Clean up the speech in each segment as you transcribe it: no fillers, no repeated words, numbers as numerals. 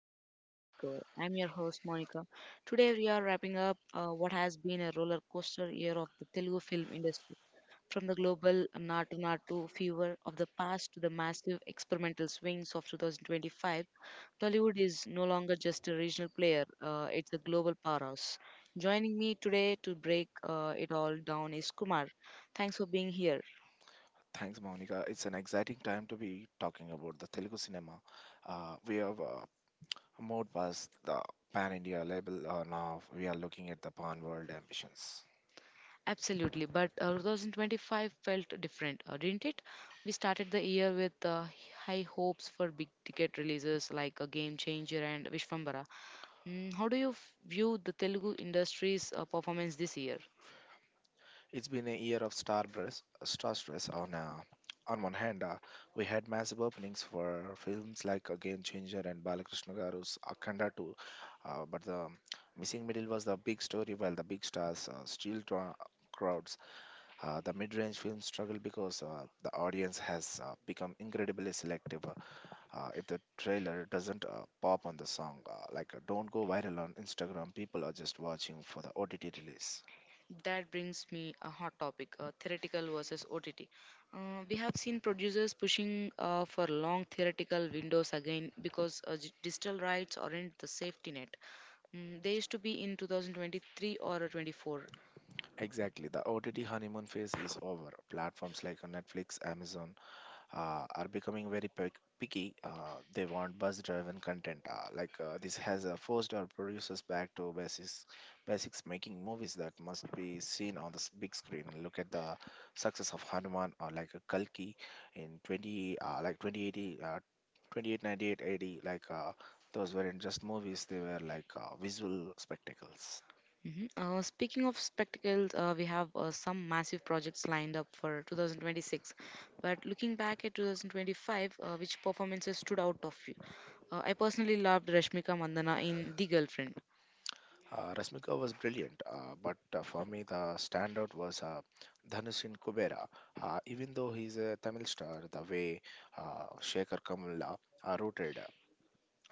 the Tollywood Takeover. I'm your host Monica. Today we are wrapping up what has been a roller coaster year of the Telugu film industry, from the global Natu Natu fever of the past to the massive experimental swings of 2025. Tollywood is no longer just a regional player; it's a global powerhouse. Joining me today to break it all down is Kumar. Thanks for being here. Thanks, Monica. It's an exciting time to be talking about the Telugu cinema. We have moved past the pan India label now. We are looking at the pan world ambitions. Absolutely, but 2025 felt different, didn't it? We started the year with high hopes for big ticket releases like Game Changer and Vishwambara. How do you view the Telugu industry's performance this year? It's been a year of star stress. On one hand, we had massive openings for films like Game Changer and Balakrishna Garu's Akhanda 2, but the missing middle was the big story, while the big stars still draw crowds. The mid-range films struggle because the audience has become incredibly selective. If the trailer doesn't pop on the song, like don't go viral on Instagram, people are just watching for the OTT release. That brings me a hot topic, theoretical versus OTT. We have seen producers pushing for long theoretical windows again because digital rights aren't the safety net. They used to be in 2023 or 24. Exactly, the OTT honeymoon phase is over. Platforms like Netflix, Amazon, are becoming very picky. They want buzz driven content. Like this has forced our producers back to basics making movies that must be seen on the big screen. Look at the success of Hanuman or like a Kalki in 20 2080 28 98 80. Like those weren't just movies; they were like visual spectacles. Mhm. Speaking of spectacles, we have some massive projects lined up for 2026. But looking back at 2025, which performances stood out of you? I personally loved Rashmika Mandana in The Girlfriend. Rasmika was brilliant, but for me the standout was Dhanush in Kubera. Even though he's a Tamil star, the way Shekhar Kamala rooted uh,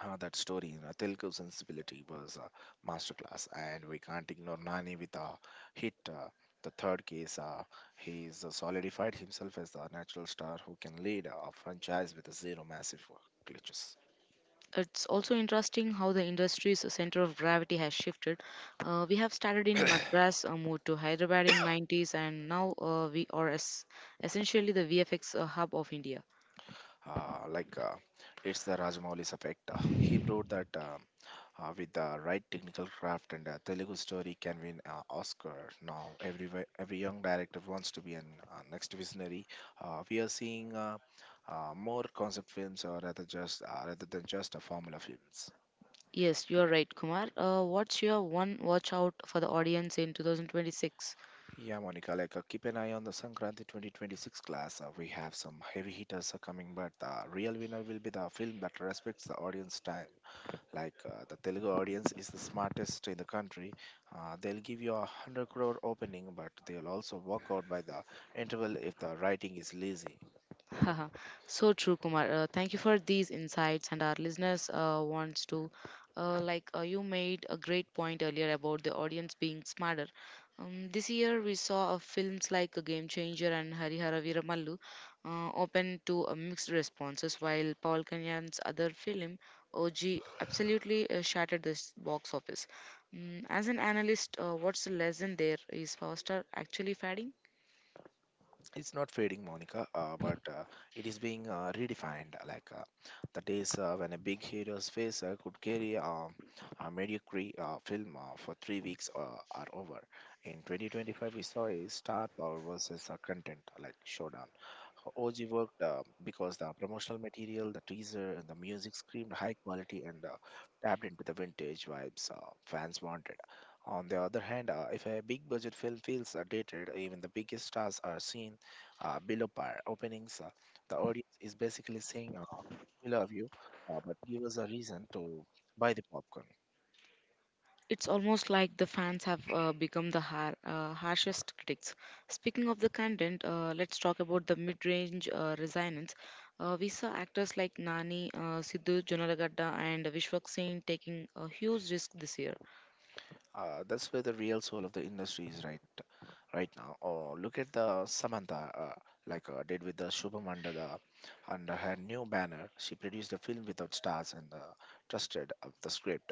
uh, that story in a Telugu sensibility was a masterclass, and we can't ignore Nani with a hit. The third case, he's solidified himself as the natural star who can lead a franchise with zero massive glitches. It's also interesting how the industry's center of gravity has shifted. We have started in Madras, moved to Hyderabad in '90s, and now we are essentially the VFX hub of India. Uh, like uh, It's the Rajamoulis effect. He proved that with the right technical craft and a Telugu story can win an Oscar. Now, every young director wants to be an next visionary. We are seeing more concept films, or rather than just a formula films. Yes, you are right, Kumar. What's your one watch out for the audience in 2026? Yeah, Monica, like keep an eye on the Sankranti 2026 class. We have some heavy hitters are coming, but the real winner will be the film that respects the audience time. Like the Telugu audience is the smartest in the country. They'll give you 100 crore opening, but they'll also walk out by the interval if the writing is lazy. Haha, so true, Kumar. Thank you for these insights, and our listeners wants to, like you made a great point earlier about the audience being smarter. This year we saw films like A Game Changer and Harihara Viramallu open to mixed responses, while Paul Kalyan's other film OG absolutely shattered this box office. As an analyst, what's the lesson there? Is Foster actually fading? It's not fading, Monica, but it is being redefined. Like the days when a big hero's face could carry a mediocre film for 3 weeks are over. In 2025, we saw a star power versus a content like showdown. OG worked because the promotional material, the teaser, and the music screamed high quality and tapped into the vintage vibes fans wanted. On the other hand, if a big budget film feels dated, even the biggest stars are seen below par openings, the audience is basically saying, We love you, but give us a reason to buy the popcorn. It's almost like the fans have become the harshest critics. Speaking of the content, let's talk about the mid-range resonance. We saw actors like Nani, Sidhu Jonalagadda, and Vishwak Singh taking a huge risk this year. That's where the real soul of the industry is right now. Or look at the Samantha, did with the Shubham under her new banner. She produced a film without stars and trusted of the script.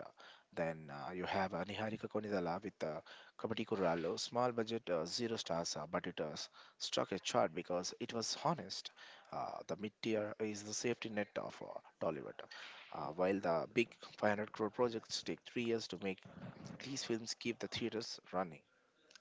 Then you have Niharika Konidala with Kabati Kuralo, small budget, zero stars, but it struck a chart because it was honest. The mid tier is the safety net of Tollywood, while the big 500 crore projects take 3 years to make these films keep the theaters running.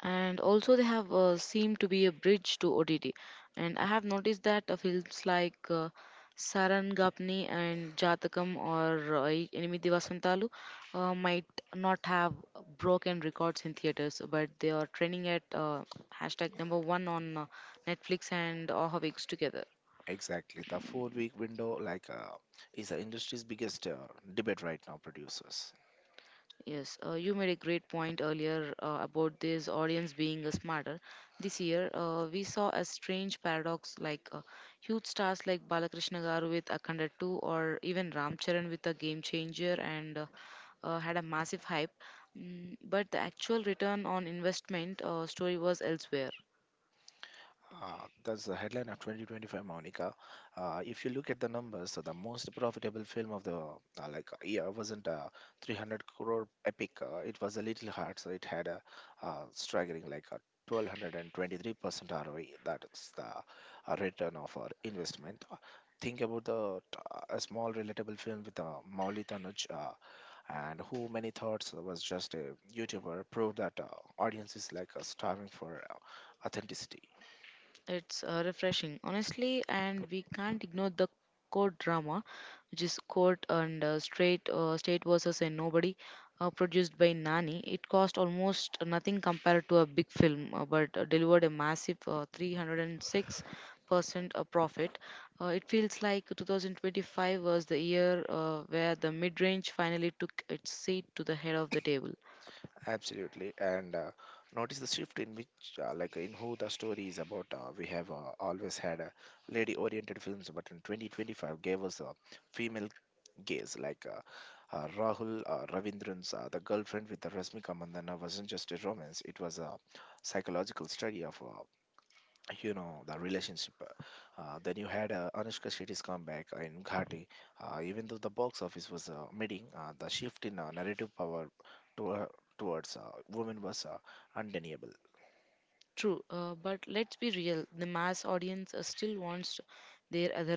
And also they have seemed to be a bridge to OTT. And I have noticed that films like Sarangapani and Jatakam or Enimidi Vasantalu might not have broken records in theaters, but they are trending at hashtag number one on Netflix and Ahavix together. Exactly. The 4 week window like is the industry's biggest debate right now producers. Yes, you made a great point earlier about this audience being smarter. This year, we saw a strange paradox like huge stars like Balakrishna Garu with Akhanda 2 or even Ram Charan with a game changer and had a massive hype. But the actual return on investment story was elsewhere. That's the headline of 2025, Monica. If you look at the numbers, so the most profitable film of the year wasn't a 300 crore epic. It was a little hard, so it had a staggering like a 1223% ROI. That is the return of our investment. Think about the a small relatable film with Mauli Tanuj. And who many thoughts was just a YouTuber proved that audience is like starving for authenticity. It's refreshing, honestly, and we can't ignore the court drama, which is court and straight state versus a nobody, produced by Nani. It cost almost nothing compared to a big film, but delivered a massive 306% profit. It feels like 2025 was the year where the mid range finally took its seat to the head of the table. Absolutely, and notice the shift in which, in who the story is about. We have always had lady-oriented films, but in 2025 gave us a female gaze. Like Rahul Ravindran's The Girlfriend with the Rashmika Mandana wasn't just a romance; it was a psychological study of the relationship. Uh, then you had Anushka Shetty's comeback in Ghati, even though the box office was meeting, the shift in narrative power to, towards women was undeniable. True, but let's be real. The mass audience still wants their other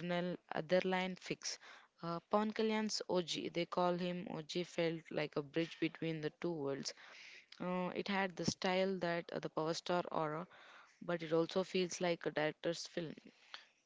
otherline fix. Pawan Kalyan's OG, they call him OG, felt like a bridge between the two worlds. It had the style that the power star aura, but it also feels like a director's film.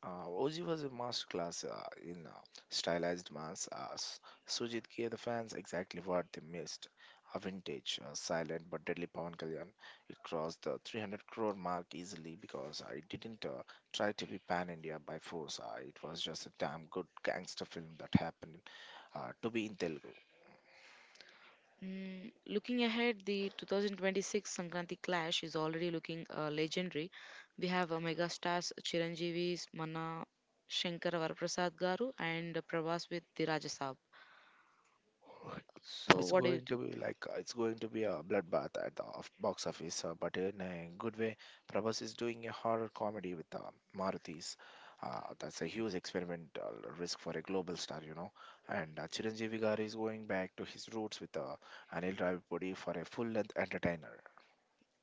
OG was a masterclass in stylized mass. Sujit gave the fans exactly what they missed. A vintage, silent but deadly Pawan Kalyan. It crossed the 300 crore mark easily because it didn't try to be pan India by force. It was just a damn good gangster film that happened to be in Telugu. Looking ahead, the 2026 Sankranti clash is already looking legendary. We have mega stars Chiranjeevi's Mana Shankar Varaprasad Garu and Prabhas with the Rajasab. So It's what do you going to be like it's going to be a bloodbath at the box office, but in a good way. Prabhas is doing a horror comedy with Maruthis. That's a huge experimental risk for a global star, you know. And Chiranjeevi Garu is going back to his roots with Anil Ravipudi for a full-length entertainer.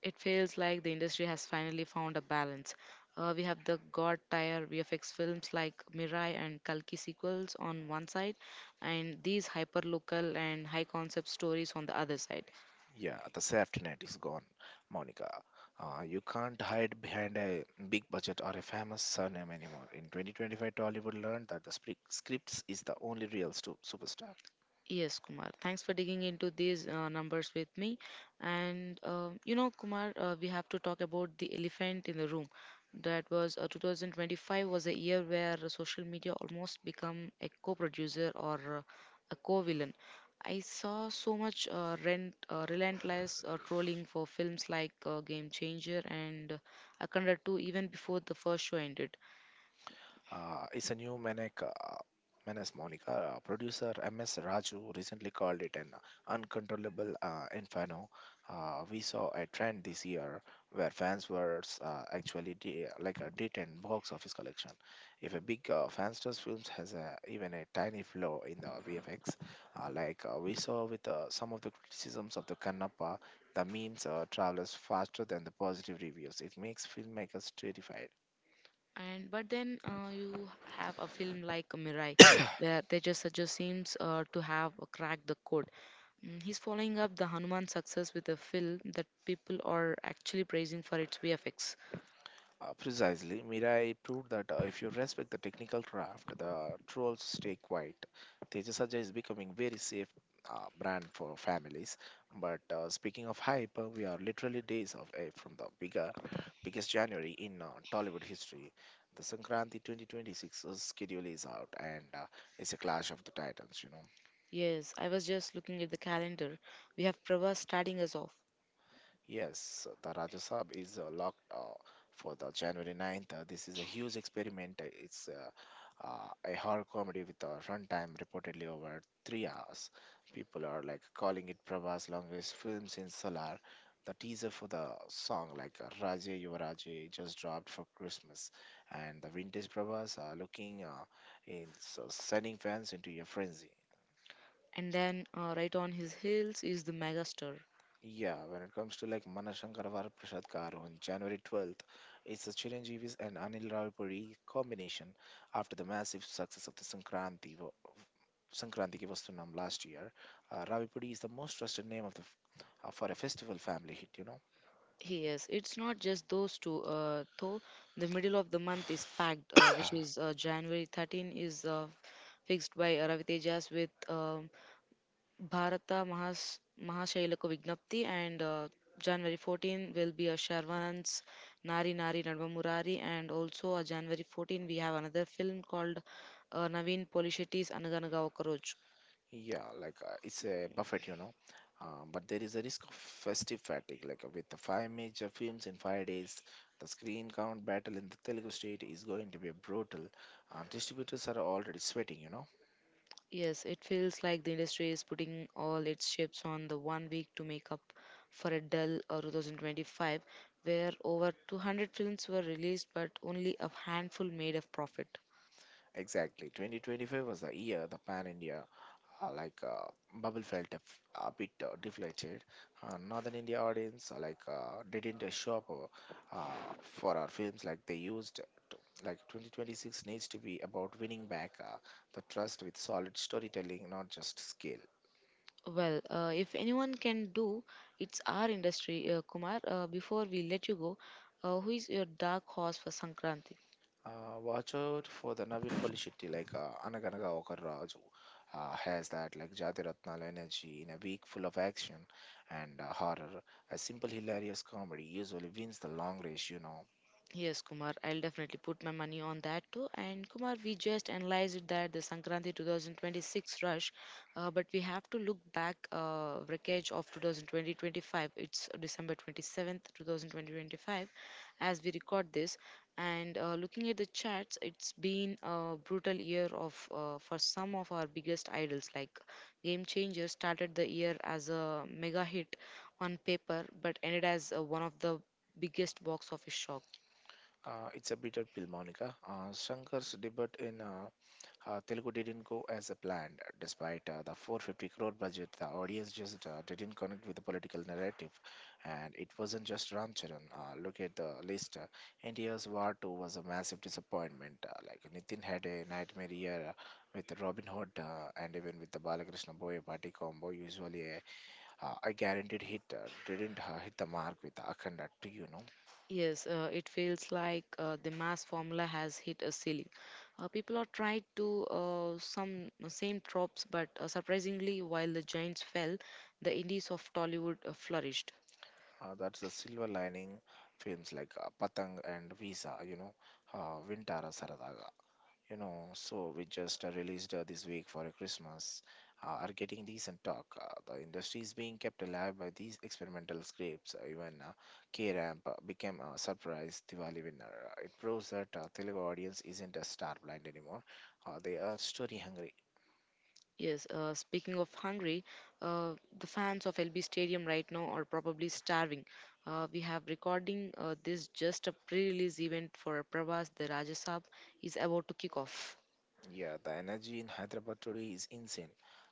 it feels like the industry has finally found a balance. We have the god tier VFX films like Mirai and Kalki sequels on one side, and these hyper local and high concept stories on the other side. Yeah, the safety net is gone, Monica. You can't hide behind a big budget or a famous surname anymore. In 2025, Tollywood learned that the scripts is the only real superstar. Yes, Kumar. Thanks for digging into these numbers with me. And you know, Kumar, we have to talk about the elephant in the room. That was, 2025 was a year where social media almost become a co-producer or a co-villain. I saw so much relentless trolling for films like Game Changer and Akanda 2 even before the first show ended. It's a new menace, Monica. Producer MS Raju recently called it an uncontrollable inferno. We saw a trend this year where fans were actually like a D10 box office collection. If a big fansters films has a, even a tiny flaw in the VFX, we saw with some of the criticisms of the Kannappa, the memes travels faster than the positive reviews. It makes filmmakers terrified. And but then you have a film like Mirai where they just seems to have cracked the code. He's following up the Hanuman success with a film that people are actually praising for its VFX. Precisely, Mirai proved that if you respect the technical craft, the trolls stay quiet. Tejasaja is becoming very safe brand for families. But speaking of hype, we are literally days away from the biggest January in Tollywood history. The Sankranti 2026 schedule is out, and it's a clash of the titans. You know. Yes, I was just looking at the calendar. We have Prabhas starting us off, Yes, the Rajya Sab is locked for the January 9th. This is a huge experiment. It's a horror comedy with a runtime reportedly over 3 hours. People are like calling it Prabhas' longest film since Solar. The teaser for the song like Raje Yuvaraje just dropped for Christmas, and the vintage Prabhas are looking in so sending fans into a frenzy. and then right on his heels is the megastar. Yeah, when it comes to like Manashankar Prasad Garu on January 12th, it's the Chiranjeevi's and Anil Rawalpindi combination after the massive success of the Sankranti Ki Vastu Naam last year. Rawalpindi is the most trusted name of for a festival family hit, you know. Yes, it's not just those two, though. The middle of the month is packed, which is January 13 is fixed by Ravi Tejas with Bharata Mahashailaka Vignapti, and January 14 will be a Sharvanand's Nari Nari Nadva Murari, and also January 14 we have another film called Naveen Polishetti's Anaganaga Okaroj. Yeah, like it's a buffet, you know. But there is a risk of festive fatigue, like with the five major films in 5 days, the screen count battle in the Telugu state is going to be brutal. Distributors are already sweating, you know. Yes, it feels like the industry is putting all its chips on the one week to make up for a dull 2025 where over 200 films were released but only a handful made a profit. Exactly. 2025 was the year the Pan India uh, like uh, bubble felt a bit deflated. Northern India audience didn't show up for our films like they used to. Like 2026 needs to be about winning back the trust with solid storytelling, not just skill. Well, if anyone can do, it's our industry. Kumar, before we let you go, who is your dark horse for Sankranti? Watch out for the Navin Polishetty, like Anaganaga Okaraju, has that like Jati Ratnala energy in a week full of action and horror. A simple hilarious comedy usually wins the long race, you know. Yes, Kumar, I'll definitely put my money on that too. And Kumar, we just analyzed that the Sankranti 2026 rush, but we have to look back wreckage of 2020. It's December 27th, 2025, as we record this. And looking at the charts, it's been a brutal year of for some of our biggest idols. Like Game Changer started the year as a mega hit on paper, but ended as one of the biggest box office shock. It's a bitter pill, Monica. Shankar's debut in Telugu didn't go as a planned. Despite the 450 crore budget, the audience just didn't connect with the political narrative. And it wasn't just Ram Charan. Look at the list. India's War 2 was a massive disappointment. Like Nitin had a nightmare year with Robin Hood and even with the Balakrishna Boyapati combo, usually a guaranteed hit, didn't hit the mark with Akhanda 2, you know. Yes, it feels like the mass formula has hit a ceiling. People are trying to some same tropes, but surprisingly, while the giants fell, the indies of Tollywood flourished. That's the silver lining films like Patang and Visa, you know, Vintara Saradaga. You know, so we just released this week for a Christmas are getting decent talk. The industry is being kept alive by these experimental scripts. Even K-Ramp became a surprise Diwali winner. It proves that Telugu audience isn't a star blind anymore. They are story hungry. Yes, speaking of hungry, the fans of LB Stadium right now are probably starving. We have recording this just a pre-release event for Prabhas. The Rajasab is about to kick off. Yeah, the energy in Hyderabad today is insane.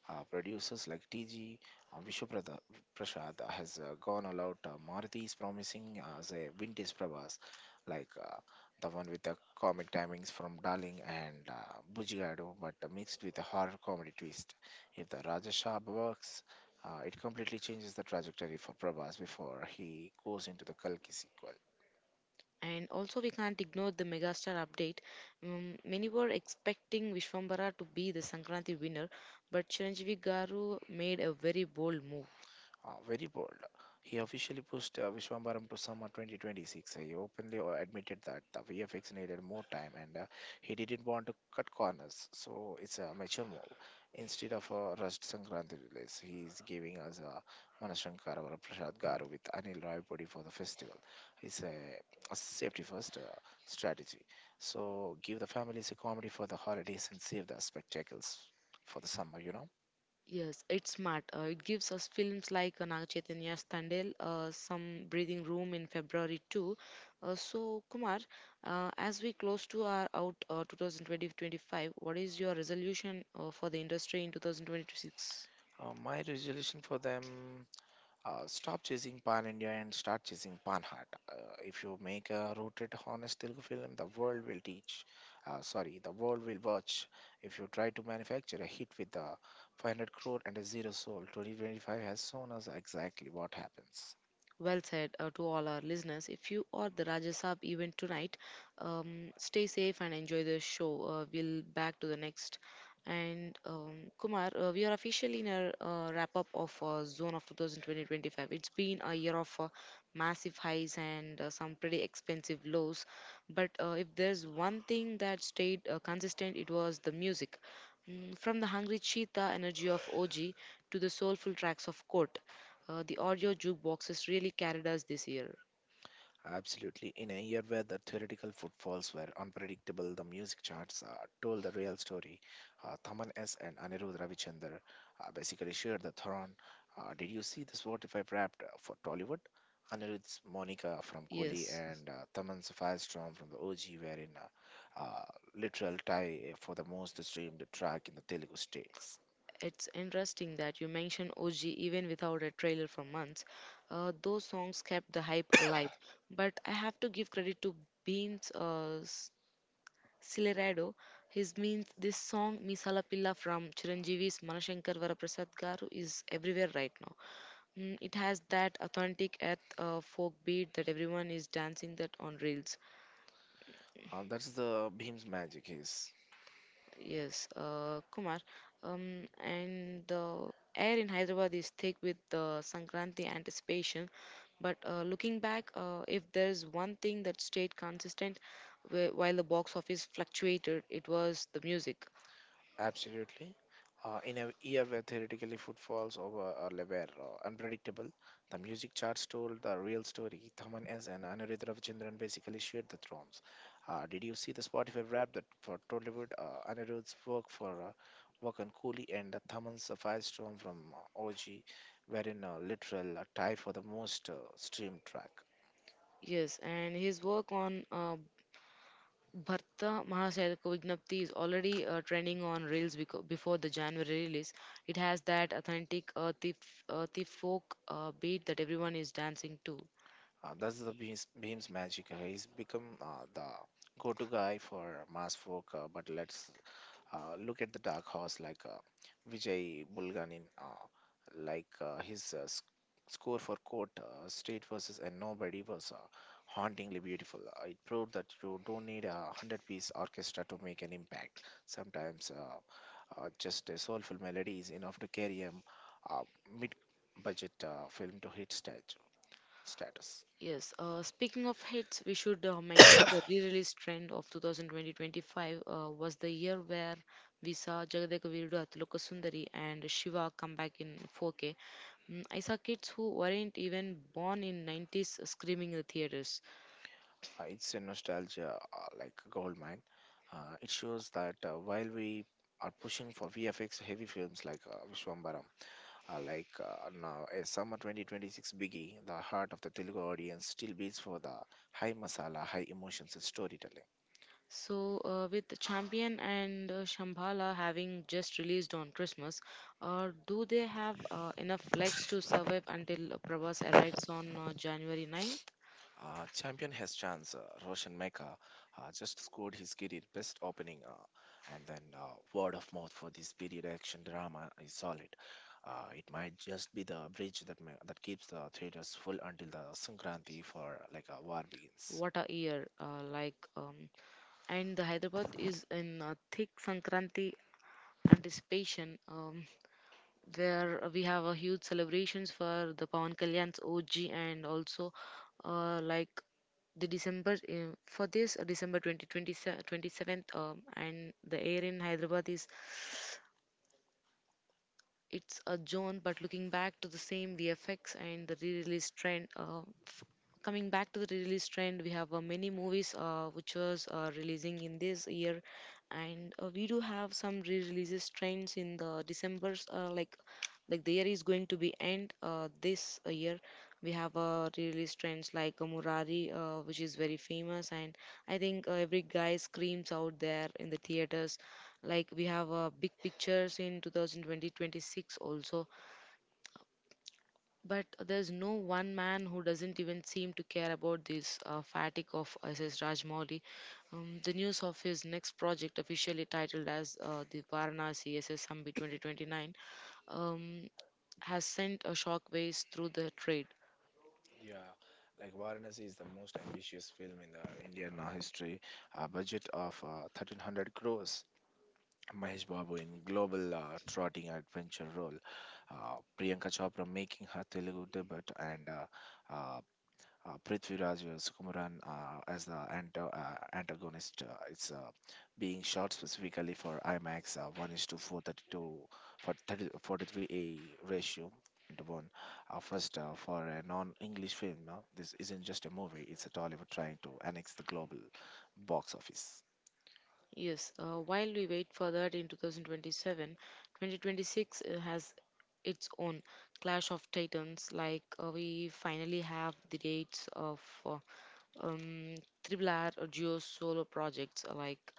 Producers like TG, uh, Vishwaprada- Prasad has gone all out. Maruti is promising a vintage Prabhas, like the one with the comic timings from Darling and Bujigadu, but mixed with a horror comedy twist. If the Raja Shah works, it completely changes the trajectory for Prabhas before he goes into the Kalki sequel. And also, we can't ignore the megastar update. Many were expecting Vishwambara to be the Sankranti winner, but Chiranjeevi Garu made a very bold move. Ah, very bold. He officially pushed Vishwambaram to summer 2026. He openly admitted that the VFX needed more time, and he didn't want to cut corners. So it's a mature move. Instead of a rushed Sankranti release, he is giving us a Manashankar or a Prasad Garu with Anil Raipodi for the festival. It's a safety first strategy. So give the families a comedy for the holidays and save the spectacles for the summer. Yes, it's smart. It gives us films like Naga Chaitanya's Tandel some breathing room in February too. So, Kumar, as we close to our out 2020-25, is your resolution for the industry in 2026? My resolution for them. Stop chasing Pan India and start chasing Pan Heart. If you make a rooted, honest Telugu film, the world will teach. Sorry, the world will watch. If you try to manufacture a hit with a 500 crore and a zero soul, 2025 has shown us exactly what happens. Well said to all our listeners. If you are the Rajya Saab event tonight, stay safe and enjoy the show. We'll back to the next. And Kumar, we are officially in our wrap up of Zone of 2025. It's been a year of massive highs and some pretty expensive lows. But if there's one thing that stayed consistent, it was the music. From the hungry cheetah energy of OG to the soulful tracks of Court, the audio jukeboxes really carried us this year. Absolutely. In a year where the theoretical footfalls were unpredictable, the music charts told the real story. Thaman S. and Anirudh Ravichander basically shared the throne. Did you see the Spotify wrapped for Tollywood? Anirudh's Monica from Koli Yes, and Thaman's Firestorm from the OG were in a literal tie for the most streamed track in the Telugu states. it's interesting that you mentioned OG even without a trailer for months. Those songs kept the hype alive. But I have to give credit to Beans Silerado. His means this song Misala Pilla from Chiranjeevi's Manashankar Varaprasad Garu is everywhere right now. It has that authentic earth folk beat that everyone is dancing that on reels. That's the Bhim's magic is. Yes, Kumar. And the air in Hyderabad is thick with the Sankranti anticipation. But looking back, if there's one thing that stayed consistent while the box office fluctuated, it was the music. Absolutely. In a year where theoretically footfalls over were unpredictable, the music charts told the real story. Thaman S and Anirudh Ravichandran basically shared the thrones. Did you see the Spotify rap that for Tollywood? Anirudh's work on Cooley and Thaman's Firestorm from OG were in a literal tie for the most streamed track. Yes, and his work on Bharta Mahasayaka Vignapti is already trending on Reels before the January release. It has that authentic earthy, earthy folk beat that everyone is dancing to. That's the Beam's magic. He's become the go-to guy for mass folk, but let's look at the dark horse like Vijay Bulganin, like his score for Court State versus and Nobody was hauntingly beautiful. It proved that you don't need a hundred-piece orchestra to make an impact. Sometimes just a soulful melody is enough to carry a uh, mid-budget film to hit status. Yes, speaking of hits, we should mention the re-release trend of 2020-25 was the year where we saw Jagadeక Veerudu Atiloka Sundari and Shiva come back in 4K. I saw kids who weren't even born in '90s screaming in the theaters. It's a nostalgia like a gold mine. It shows that while we are pushing for VFX heavy films like Vishwambaram, like now a summer 2026 biggie, the heart of the Telugu audience still beats for the high masala, high emotions storytelling. So with Champion and Shambhala having just released on Christmas, do they have enough legs to survive until Prabhas arrives on January 9th? Champion has chance. Roshan Mecca just scored his career best opening, and then word of mouth for this period action drama is solid. It might just be the bridge that keeps the theaters full until the Sankranti for like a war begins. What a year! And the Hyderabad is in a thick Sankranti anticipation, where we have a huge celebrations for the Pawan Kalyan's OG and also, like the December for this December 2027. And the air in Hyderabad is it's a zone, but looking back to the same VFX and the re-release trend, f- coming back to the re-release trend, we have many movies which was releasing in this year, and we do have some re-releases trends in the December's, like the year is going to be end this year. We have re-release trends like murari, which is very famous, and I think every guy screams out there in the theaters. Like we have big pictures in 2020 also. But there's no one man who doesn't even seem to care about this fatigue of SS Rajmouli. The news of his next project officially titled as the Varanasi SS Summit 2029 um, has sent a shockwaves through the trade. Yeah, like Varanasi is the most ambitious film in the Indian history. A budget of 1300 crores. Mahesh Babu in global trotting adventure role, Priyanka Chopra making her Telugu debut, and uh, Prithviraj Sukumaran as the antagonist. It's being shot specifically for IMAX 1 is to 432 for 30, 43 a ratio into one. First, for a non-English film, this isn't just a movie; it's a Tollywood trying to annex the global box office. Yes, while we wait for that in 2027, 2026 has its own clash of titans. We finally have the dates of um, triple R or Geo solo projects.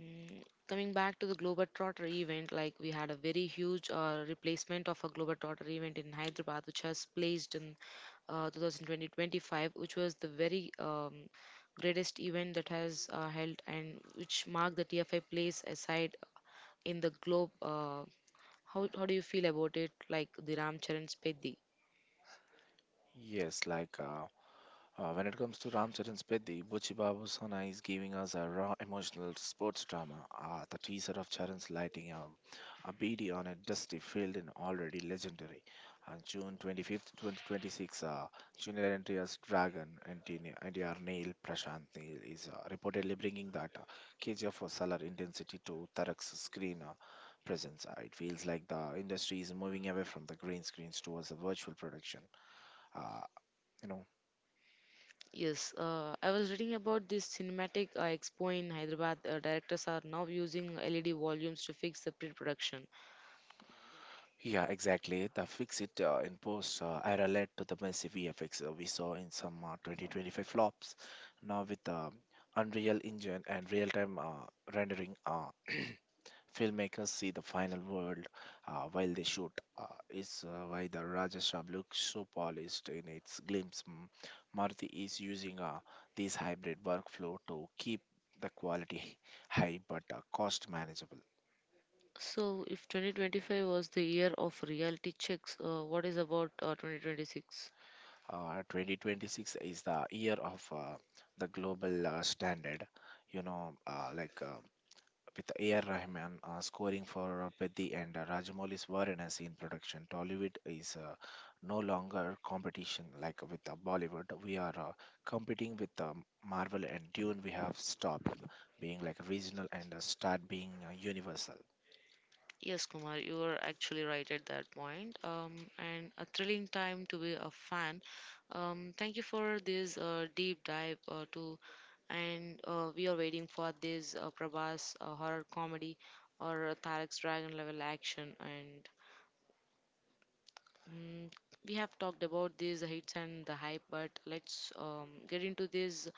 mm, Coming back to the Globetrotter event, like we had a very huge replacement of a Globetrotter event in Hyderabad, which has placed in 2020, which was the very greatest event that has held and which marked the TFI place aside in the globe. How do you feel about it, like the Ram Charan Spedi? Yes, like, when it comes to Ramcharan's Bedi, Buchi Babu Sana is giving us a raw emotional sports drama. The teaser of Charan's lighting a BD on a dusty field in already legendary. On June 25th, 2026, Junior NTR's Dragon and NTR Neil Prashant Neil is reportedly bringing that KGF for solar intensity to Tarak's screen presence. It feels like the industry is moving away from the green screens towards the virtual production. Uh, you know Yes, I was reading about this cinematic expo in Hyderabad. Directors are now using LED volumes to fix the pre-production. Yeah, exactly. The fix it in post, I relate to the massive VFX we saw in some 2025 flops. Now, with Unreal Engine and real time rendering, filmmakers see the final world while they shoot. Is why the Rajasthan looks so polished in its glimpse. Maruti is using this hybrid workflow to keep the quality high but cost manageable. So, if 2025 was the year of reality checks, what is about 2026? 2026 is the year of the global standard. You know, like with A.R. Rahman scoring for Pethi and Rajamouli's Varanasi in production, Tollywood is no longer competition like with Bollywood. We are competing with Marvel and Dune. We have stopped being like regional and start being universal. Yes, Kumar, you are actually right at that point. And a thrilling time to be a fan. Thank you for this deep dive too. And we are waiting for this Prabhas horror comedy or Tarek's Dragon level action. Mm, we have talked about these hits and the hype, but let's get into this.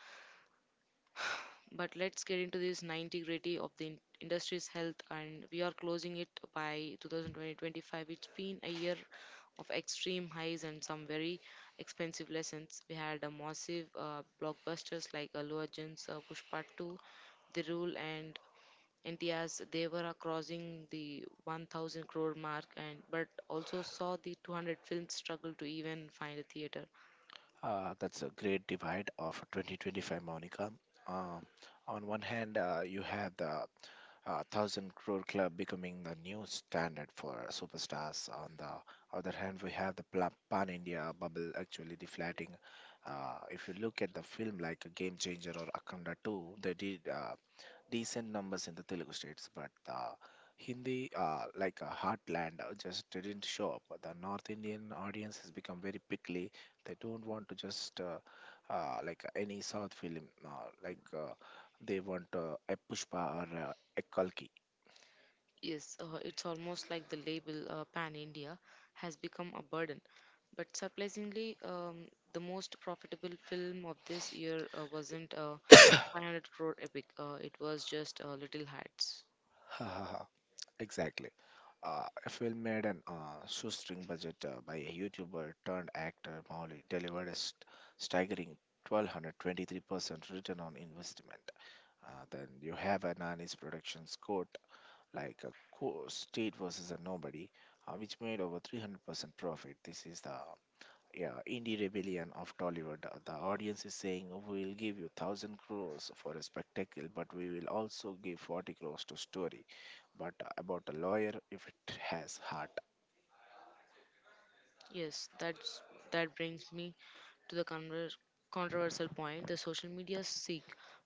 But let's get into this 90 gritty of the industry's health, and we are closing it by 2020. It's been a year of extreme highs and some very expensive lessons. We had a massive blockbusters like Allu Arjun's Pushpa 2, The Rule, and NTRs, they were crossing the 1,000 crore mark, and but also saw the 200 films struggle to even find a theater. That's a great divide of 2025, Monica. Um, on one hand, you have the thousand crore club becoming the new standard for superstars. On the other hand, we have the pan India bubble actually deflating. If you look at the film like a Game Changer or Akhanda 2, they did decent numbers in the Telugu states, but the Hindi, like a heartland, just didn't show up. The North Indian audience has become very pickly. They don't want to just like any South film, like they want a Pushpa or a Kalki. Yes, it's almost like the label Pan India has become a burden. But surprisingly, the most profitable film of this year wasn't a 500 crore epic. It was just Little Hats. Exactly. A film made an shoestring budget by a YouTuber turned actor Mauli delivered a staggering 1223% return on investment. Then you have a Nani's productions court like a state versus a nobody, which made over 300% profit. This is the, yeah, indie rebellion of Tollywood. The audience is saying we'll give you 1000 crores for a spectacle, but we will also give 40 crores to story. But about a lawyer if it has heart. Yes, that brings me to the controversial point, the social media seek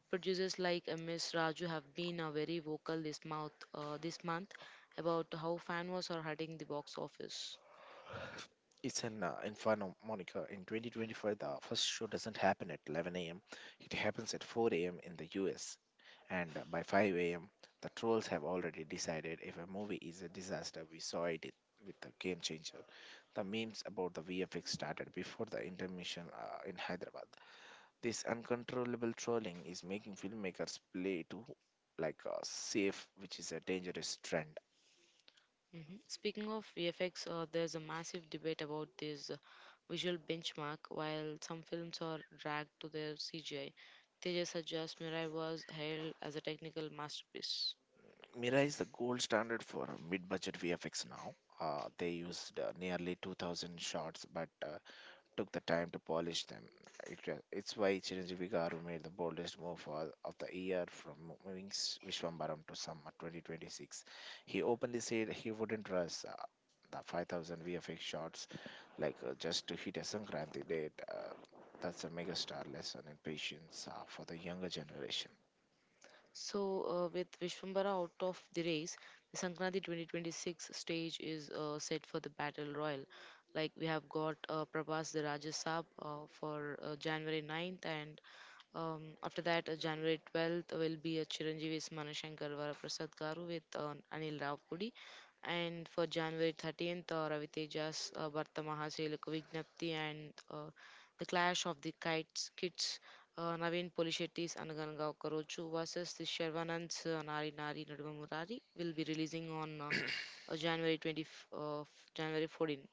producers like Ms. Raju have been very vocal this month about how fan wars are hurting the box office. It's in Fano, Monica. In 2025, the first show doesn't happen at 11 a.m. It happens at 4 a.m. in the U.S. And by 5 a.m., the trolls have already decided if a movie is a disaster. We saw it with the Game Changer. The memes about the VFX started before the intermission in Hyderabad. This uncontrollable trolling is making filmmakers play to like safe, which is a dangerous trend. Mhm. Speaking of VFX, there's a massive debate about this visual benchmark. While some films are dragged to their CGI, Tejas Ajaz Mirai was hailed as a technical masterpiece. Mira is the gold standard for mid-budget VFX now. They used nearly 2,000 shots, but took the time to polish them. It's why Chiranjeevi Garu made the boldest move of the year from moving Vishwambaram to summer 2026. He openly said he wouldn't rush the 5,000 VFX shots, like just to hit a Sankranti date. That's a megastar lesson in patience for the younger generation. So, with Vishwambara out of the race, the Sankranti 2026 stage is set for the Battle Royal. Like we have got Prabhas the Raja Saab for January 9th, and after that, January 12th will be a Chiranjeevi's Manashankar Varaprasad Garu with Anil Ravpudi. And for January 13th, Ravi Teja's Bharta Mahaselika Vignapti, and the Clash of the Kites Kids, Naveen Polishetti's Anaganagao Karochu versus the Shervanand's Nari Nari Naduva Murari will be releasing on January 20, uh, January 14.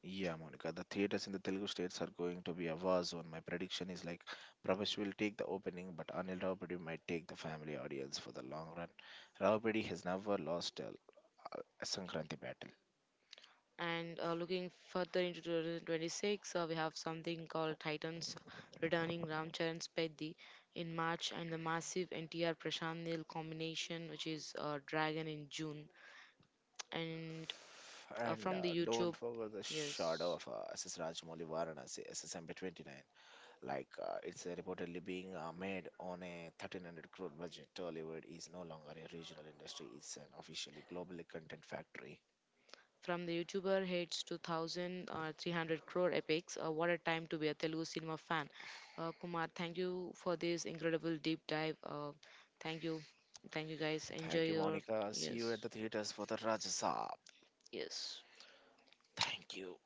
Yeah, Monica, the theaters in the Telugu states are going to be a war zone. My prediction is like Prabhas will take the opening, but Anil Raupadi might take the family audience for the long run. Raupadi has never lost a Sankranti battle. And looking further into 2026, we have something called Titans returning Ramcharan Speddi in March and the massive NTR Prashant Neel combination, which is Dragon in June. And And from the don't YouTube, forget the shadow yes. of S S Rajamouli Varanasi, SSMP29. Like, it's reportedly being made on a 1300 crore budget. Tollywood is no longer a regional industry, it's an officially globally content factory. From the YouTuber hates to 1,300 crore epics, what a time to be a Telugu cinema fan. Kumar, thank you for this incredible deep dive. Thank you. Thank you guys. Enjoy Thank you, your. Monica. See you at Yes. the theaters for the Rajasab. Yes. Thank you.